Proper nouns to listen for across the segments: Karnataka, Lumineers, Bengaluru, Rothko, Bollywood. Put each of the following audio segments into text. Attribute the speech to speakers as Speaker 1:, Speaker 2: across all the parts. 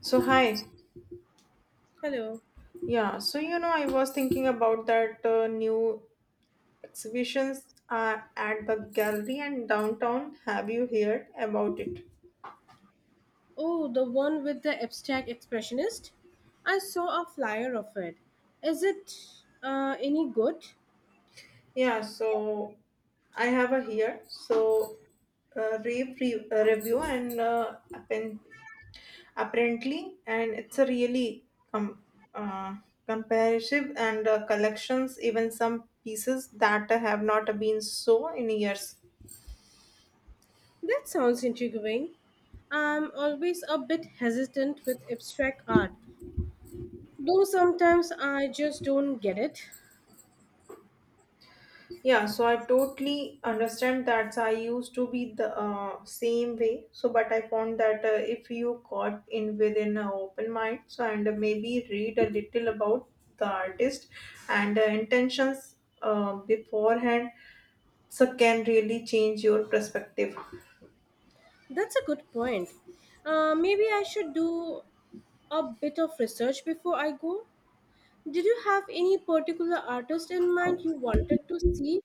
Speaker 1: So hi,
Speaker 2: Hello.
Speaker 1: yeah. So I was thinking about that new exhibitions at the gallery and downtown. Have you heard about it?
Speaker 2: Oh, the one with the abstract expressionist? I saw a flyer of it. Is it any good?
Speaker 1: Yeah. So I have a here. So review and apparently, and it's a really com- uh, comparative and collections. Even some pieces that have not been so in years.
Speaker 2: That sounds intriguing. I'm always a bit hesitant with abstract art, though sometimes I just don't get it.
Speaker 1: Yeah, so I totally understand that. So I used to be the same way. So, but I found that if you got in within an open mind, so and maybe read a little about the artist and intentions beforehand, so can really change your perspective.
Speaker 2: That's a good point. Maybe I should do a bit of research before I go. Did you have any particular artist in mind you wanted to see?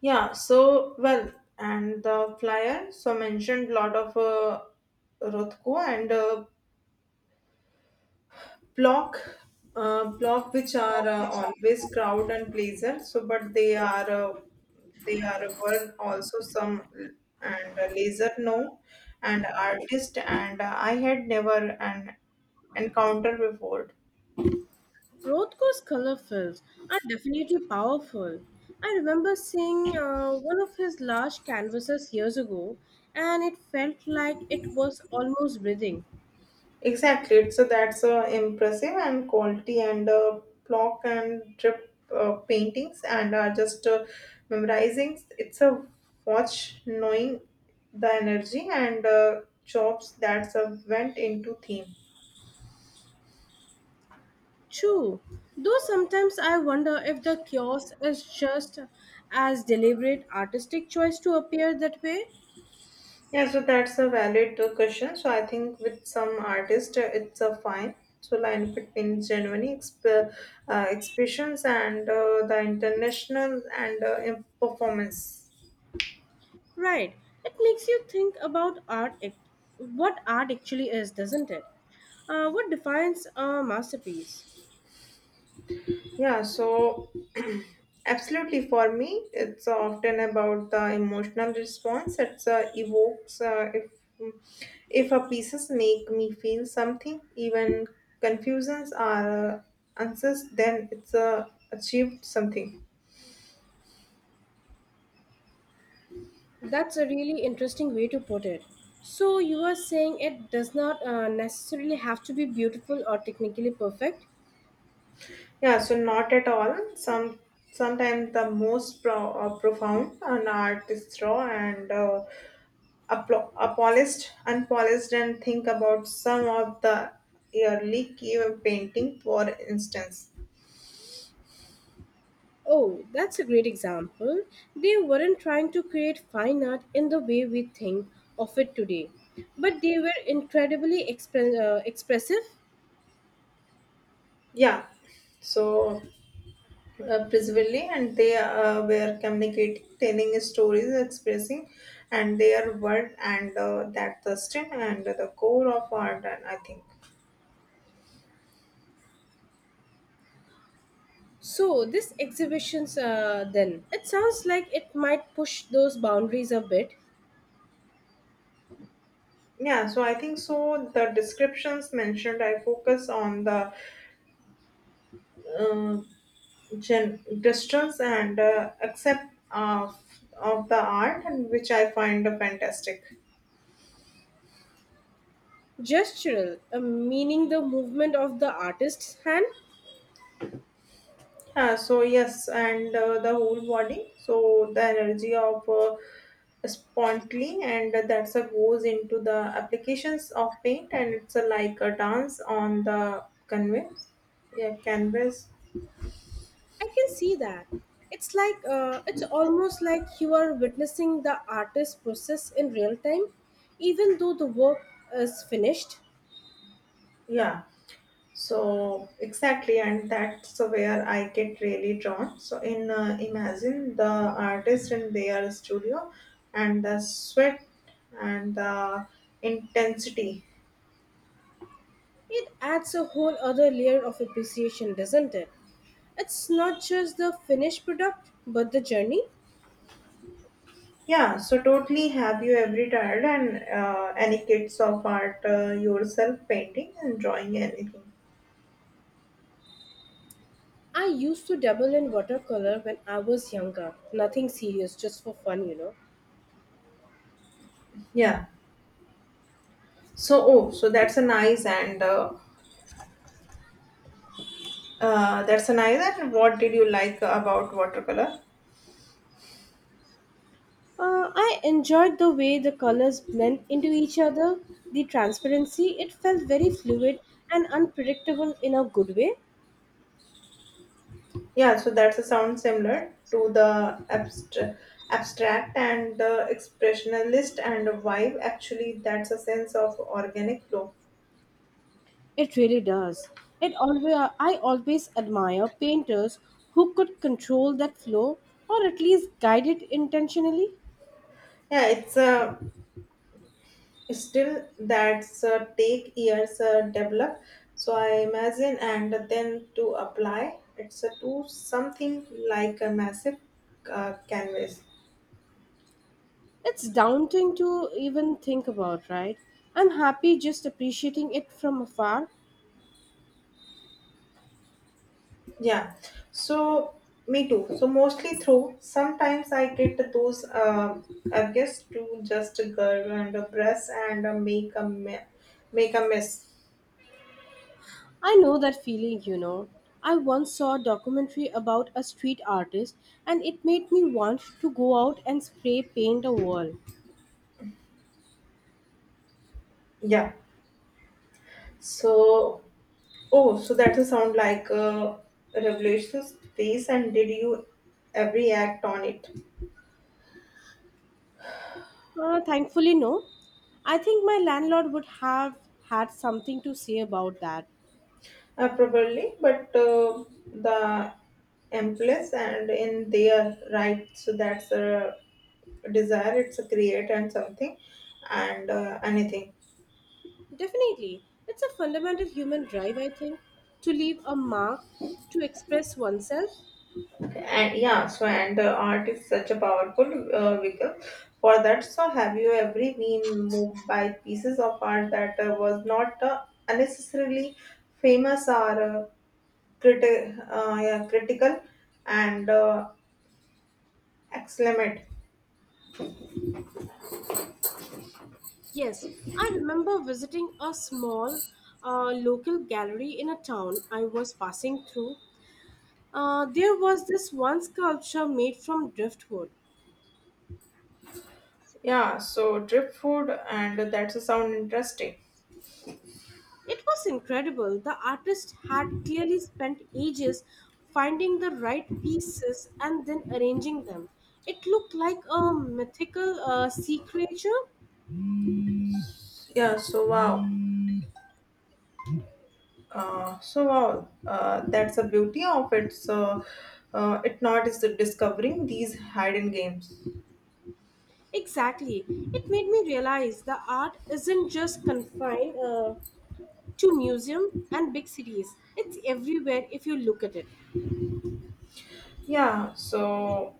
Speaker 1: Yeah. So well, and the flyer so mentioned lot of Rothko and block block which are always crowd and pleaser so but they are were also some and laser no and artist and I had never an encounter before.
Speaker 2: Rothko's color films are definitely powerful. I remember seeing one of his large canvases years ago, and it felt like it was almost breathing.
Speaker 1: Exactly. So that's impressive and quality and block and drip paintings and just memorizing. It's a watch knowing the energy and jobs that's went into theme.
Speaker 2: True, though sometimes I wonder if the chaos is just as deliberate artistic choice to appear that way.
Speaker 1: Yeah, so that's a valid question. So I think with some artists, it's a fine. So line fit in Germany exhibitions and the international and performance.
Speaker 2: Right, it makes you think about what art actually is, doesn't it? What defines a masterpiece?
Speaker 1: Yeah, so absolutely, for me, it's often about the emotional response. It's evokes if a pieces make me feel something, even confusions are answers. Then it's achieved something.
Speaker 2: That's a really interesting way to put it. So, you are saying it does not necessarily have to be beautiful or technically perfect?
Speaker 1: Yeah, so not at all. Sometimes the most profound an art is raw and polished, unpolished, and think about some of the early cave painting, for instance.
Speaker 2: Oh, that's a great example. They weren't trying to create fine art in the way we think of it today, but they were incredibly expressive.
Speaker 1: Yeah, so principally, and they were communicating, telling stories, expressing, and their word, and that Thurston and the core of art, and I think.
Speaker 2: So, this exhibition's then, it sounds like it might push those boundaries a bit.
Speaker 1: Yeah, so I think so. The descriptions mentioned, I focus on the uh, distance and accept of the art, and which I find fantastic.
Speaker 2: Gestural, meaning the movement of the artist's hand.
Speaker 1: Yeah, so yes, and the whole body. So the energy of spontaneity, and that's a goes into the applications of paint, and it's a, like a dance on the canvas. Yeah, canvas.
Speaker 2: I can see that. It's like it's almost like you are witnessing the artist's process in real time, even though the work is finished.
Speaker 1: Yeah. So exactly, and that's where I get really drawn. So in imagine the artist in their studio, and the sweat and the intensity.
Speaker 2: It adds a whole other layer of appreciation, doesn't it? It's not just the finished product, but the journey.
Speaker 1: Yeah, so totally have you ever tried and any kids of art yourself painting and drawing anything?
Speaker 2: I used to dabble in watercolor when I was younger. Nothing serious, just for fun.
Speaker 1: Yeah. So oh, so that's a nice and what did you like about watercolor?
Speaker 2: I enjoyed the way the colors blend into each other, the transparency. It felt very fluid and unpredictable in a good way.
Speaker 1: Yeah, so that's a sound similar to the abstract and the expressionalist and vibe. Actually, that's a sense of organic flow.
Speaker 2: It really does. It always I always admire painters who could control that flow or at least guide it intentionally.
Speaker 1: Yeah, it's a still that's take years develop so I imagine and then to apply it's a to something like a massive canvas.
Speaker 2: It's daunting to even think about, right? I'm happy just appreciating it from afar.
Speaker 1: Yeah, so me too. So mostly through sometimes I get those I guess to just go and a brush and make a mess.
Speaker 2: I know that feeling. I once saw a documentary about a street artist and it made me want to go out and spray paint a wall.
Speaker 1: Yeah. So, oh, so that will sound like a revolution space. And did you every act on it?
Speaker 2: Thankfully, no. I think my landlord would have had something to say about that.
Speaker 1: Probably, but the employees and in their right. So that's a desire. It's a create and something, and anything.
Speaker 2: Definitely. It's a fundamental human drive, I think, to leave a mark, to express oneself.
Speaker 1: And yeah, so and art is such a powerful vehicle for that. So have you ever been moved by pieces of art that was not unnecessarily famous or yeah, critical and excellent?
Speaker 2: Yes, I remember visiting a small local gallery in a town I was passing through. There was this one sculpture made from driftwood.
Speaker 1: Yeah, so drip food and that's a sound interesting.
Speaker 2: It was incredible. The artist had clearly spent ages finding the right pieces and then arranging them. It looked like a mythical sea creature.
Speaker 1: Yeah, so wow, that's the beauty of it. So it not is discovering these hidden games.
Speaker 2: Exactly. It made me realize the art isn't just confined to museum and big cities. It's everywhere if you look at it.
Speaker 1: Yeah, so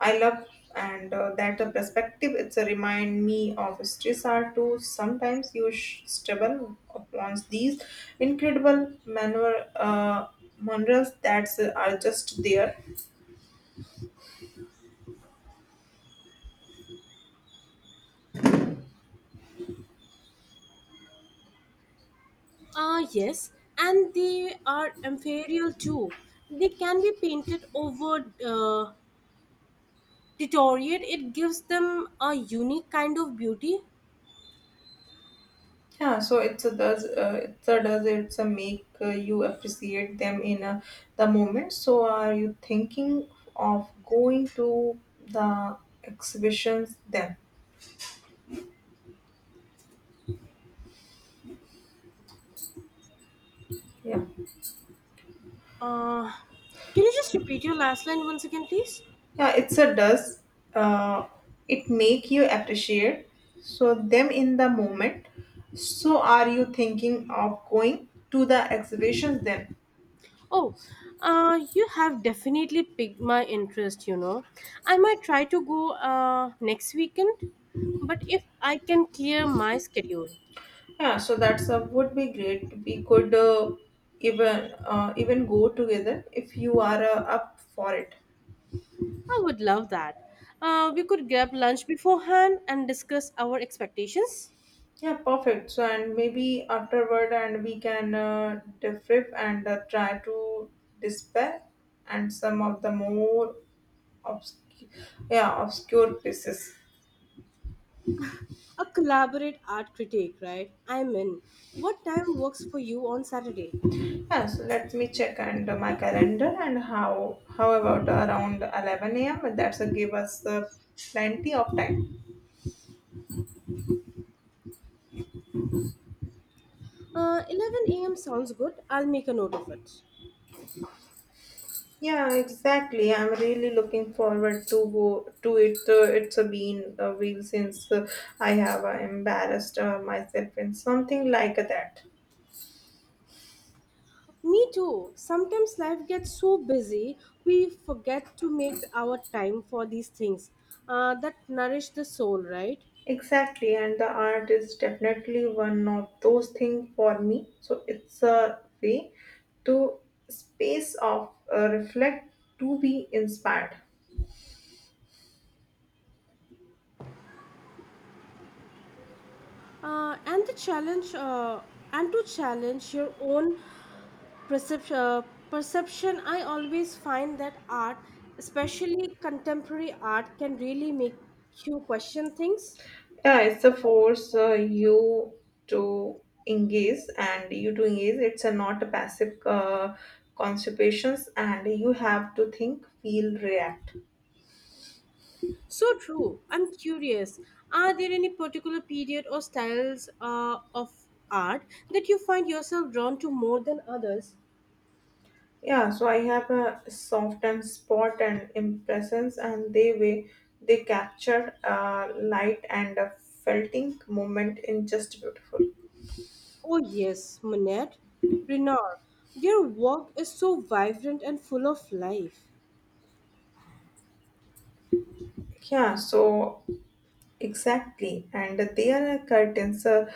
Speaker 1: I love and that the perspective it's a remind me of stress are too. Sometimes you stumble upon these incredible maneuvers that are just there.
Speaker 2: Ah, yes, and they are inferior too. They can be painted over, deteriorate. It gives them a unique kind of beauty.
Speaker 1: Yeah, so it's a does it's a make you appreciate them in the moment. So are you thinking of going to the exhibitions then? Yeah.
Speaker 2: Uh, can you just repeat your last line once again, please?
Speaker 1: Yeah, it's a does uh, it make you appreciate so them in the moment. So are you thinking of going to the exhibitions then?
Speaker 2: Oh, you have definitely piqued my interest. I might try to go next weekend, but if I can clear my schedule,
Speaker 1: Yeah, so that's would be great. We could even go together if you are up for it.
Speaker 2: I would love that. We could grab lunch beforehand and discuss our expectations.
Speaker 1: Yeah, perfect. So and maybe afterward and we can debrief and try to dispel and some of the more obscure yeah obscure pieces.
Speaker 2: A collaborate art critique, right? I'm in. What time works for you on Saturday?
Speaker 1: Yes, let me check and my calendar and how about around 11 a.m. That's a give us plenty of time.
Speaker 2: 11 a.m. sounds good. I'll make a note of it.
Speaker 1: Yeah, exactly. I'm really looking forward to go to it. It's a been a while since I have embarrassed myself in something like that.
Speaker 2: Me too. Sometimes life gets so busy, we forget to make our time for these things that nourish the soul, right?
Speaker 1: Exactly, and the art is definitely one of those things for me. So it's a way to space of reflect to be inspired.
Speaker 2: And the challenge, and to challenge your own percep- uh, perception. I always find that art, especially contemporary art, can really make you question things.
Speaker 1: Yeah, it's a force to you to engage. It's a not a passive constipations and you have to think, feel, react.
Speaker 2: So true. I'm curious. Are there any particular period or styles of art that you find yourself drawn to more than others?
Speaker 1: Yeah, so I have a soft and spot and impressions and they way they capture light and a felting moment in just beautiful.
Speaker 2: Oh, yes, Manette, Renoir. Their work is so vibrant and full of life.
Speaker 1: Yeah, so exactly, and they are a curtains,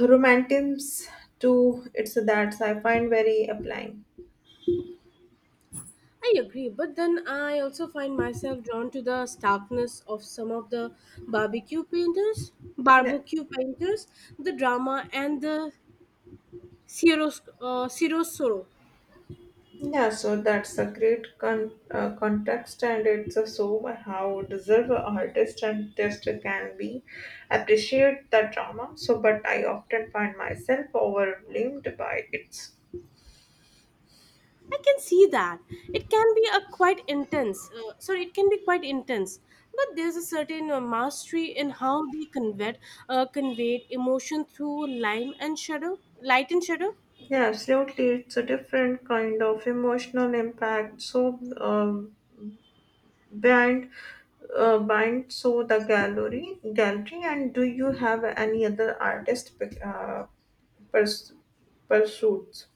Speaker 1: romantins too. It's that I find very applying.
Speaker 2: I agree, but then I also find myself drawn to the starkness of some of the barbecue painters,
Speaker 1: Yeah,
Speaker 2: barbecue painters, the drama and the chiaroscuro.
Speaker 1: yeah, so that's a great context, and it's a so how deserve a artist and test can be appreciate the drama. So, but I often find myself overwhelmed by it.
Speaker 2: I can see that. It can be quite intense. But there's a certain mastery in how they conveyed emotion through line and shadow, light and shadow.
Speaker 1: Yeah, absolutely, it's a different kind of emotional impact. So, bind, bind so the gallery and do you have any other artist pers- pursuits?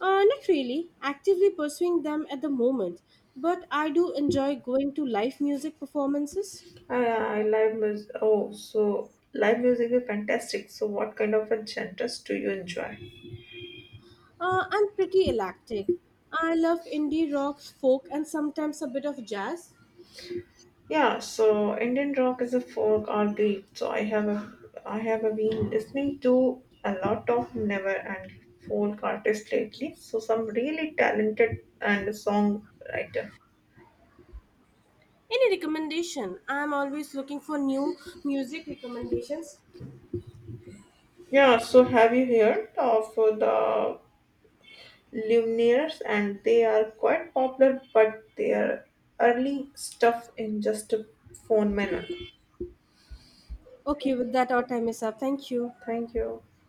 Speaker 2: Not really actively pursuing them at the moment, but I do enjoy going to live music performances.
Speaker 1: I, I live music. Oh, so live music is fantastic. So, what kind of a genres do you enjoy?
Speaker 2: I'm pretty eclectic. I love indie rock, folk, and sometimes a bit of jazz.
Speaker 1: Yeah, so Indian rock is a folk or beat. So I have a been listening to a lot of never and folk artists lately. So some really talented and songwriter.
Speaker 2: Any recommendation? I'm always looking for new music recommendations.
Speaker 1: Yeah, so have you heard of the Lumineers? And they are quite popular, but their early stuff in just a phone manual.
Speaker 2: Okay, with that, our time is up. Thank you.
Speaker 1: Thank you.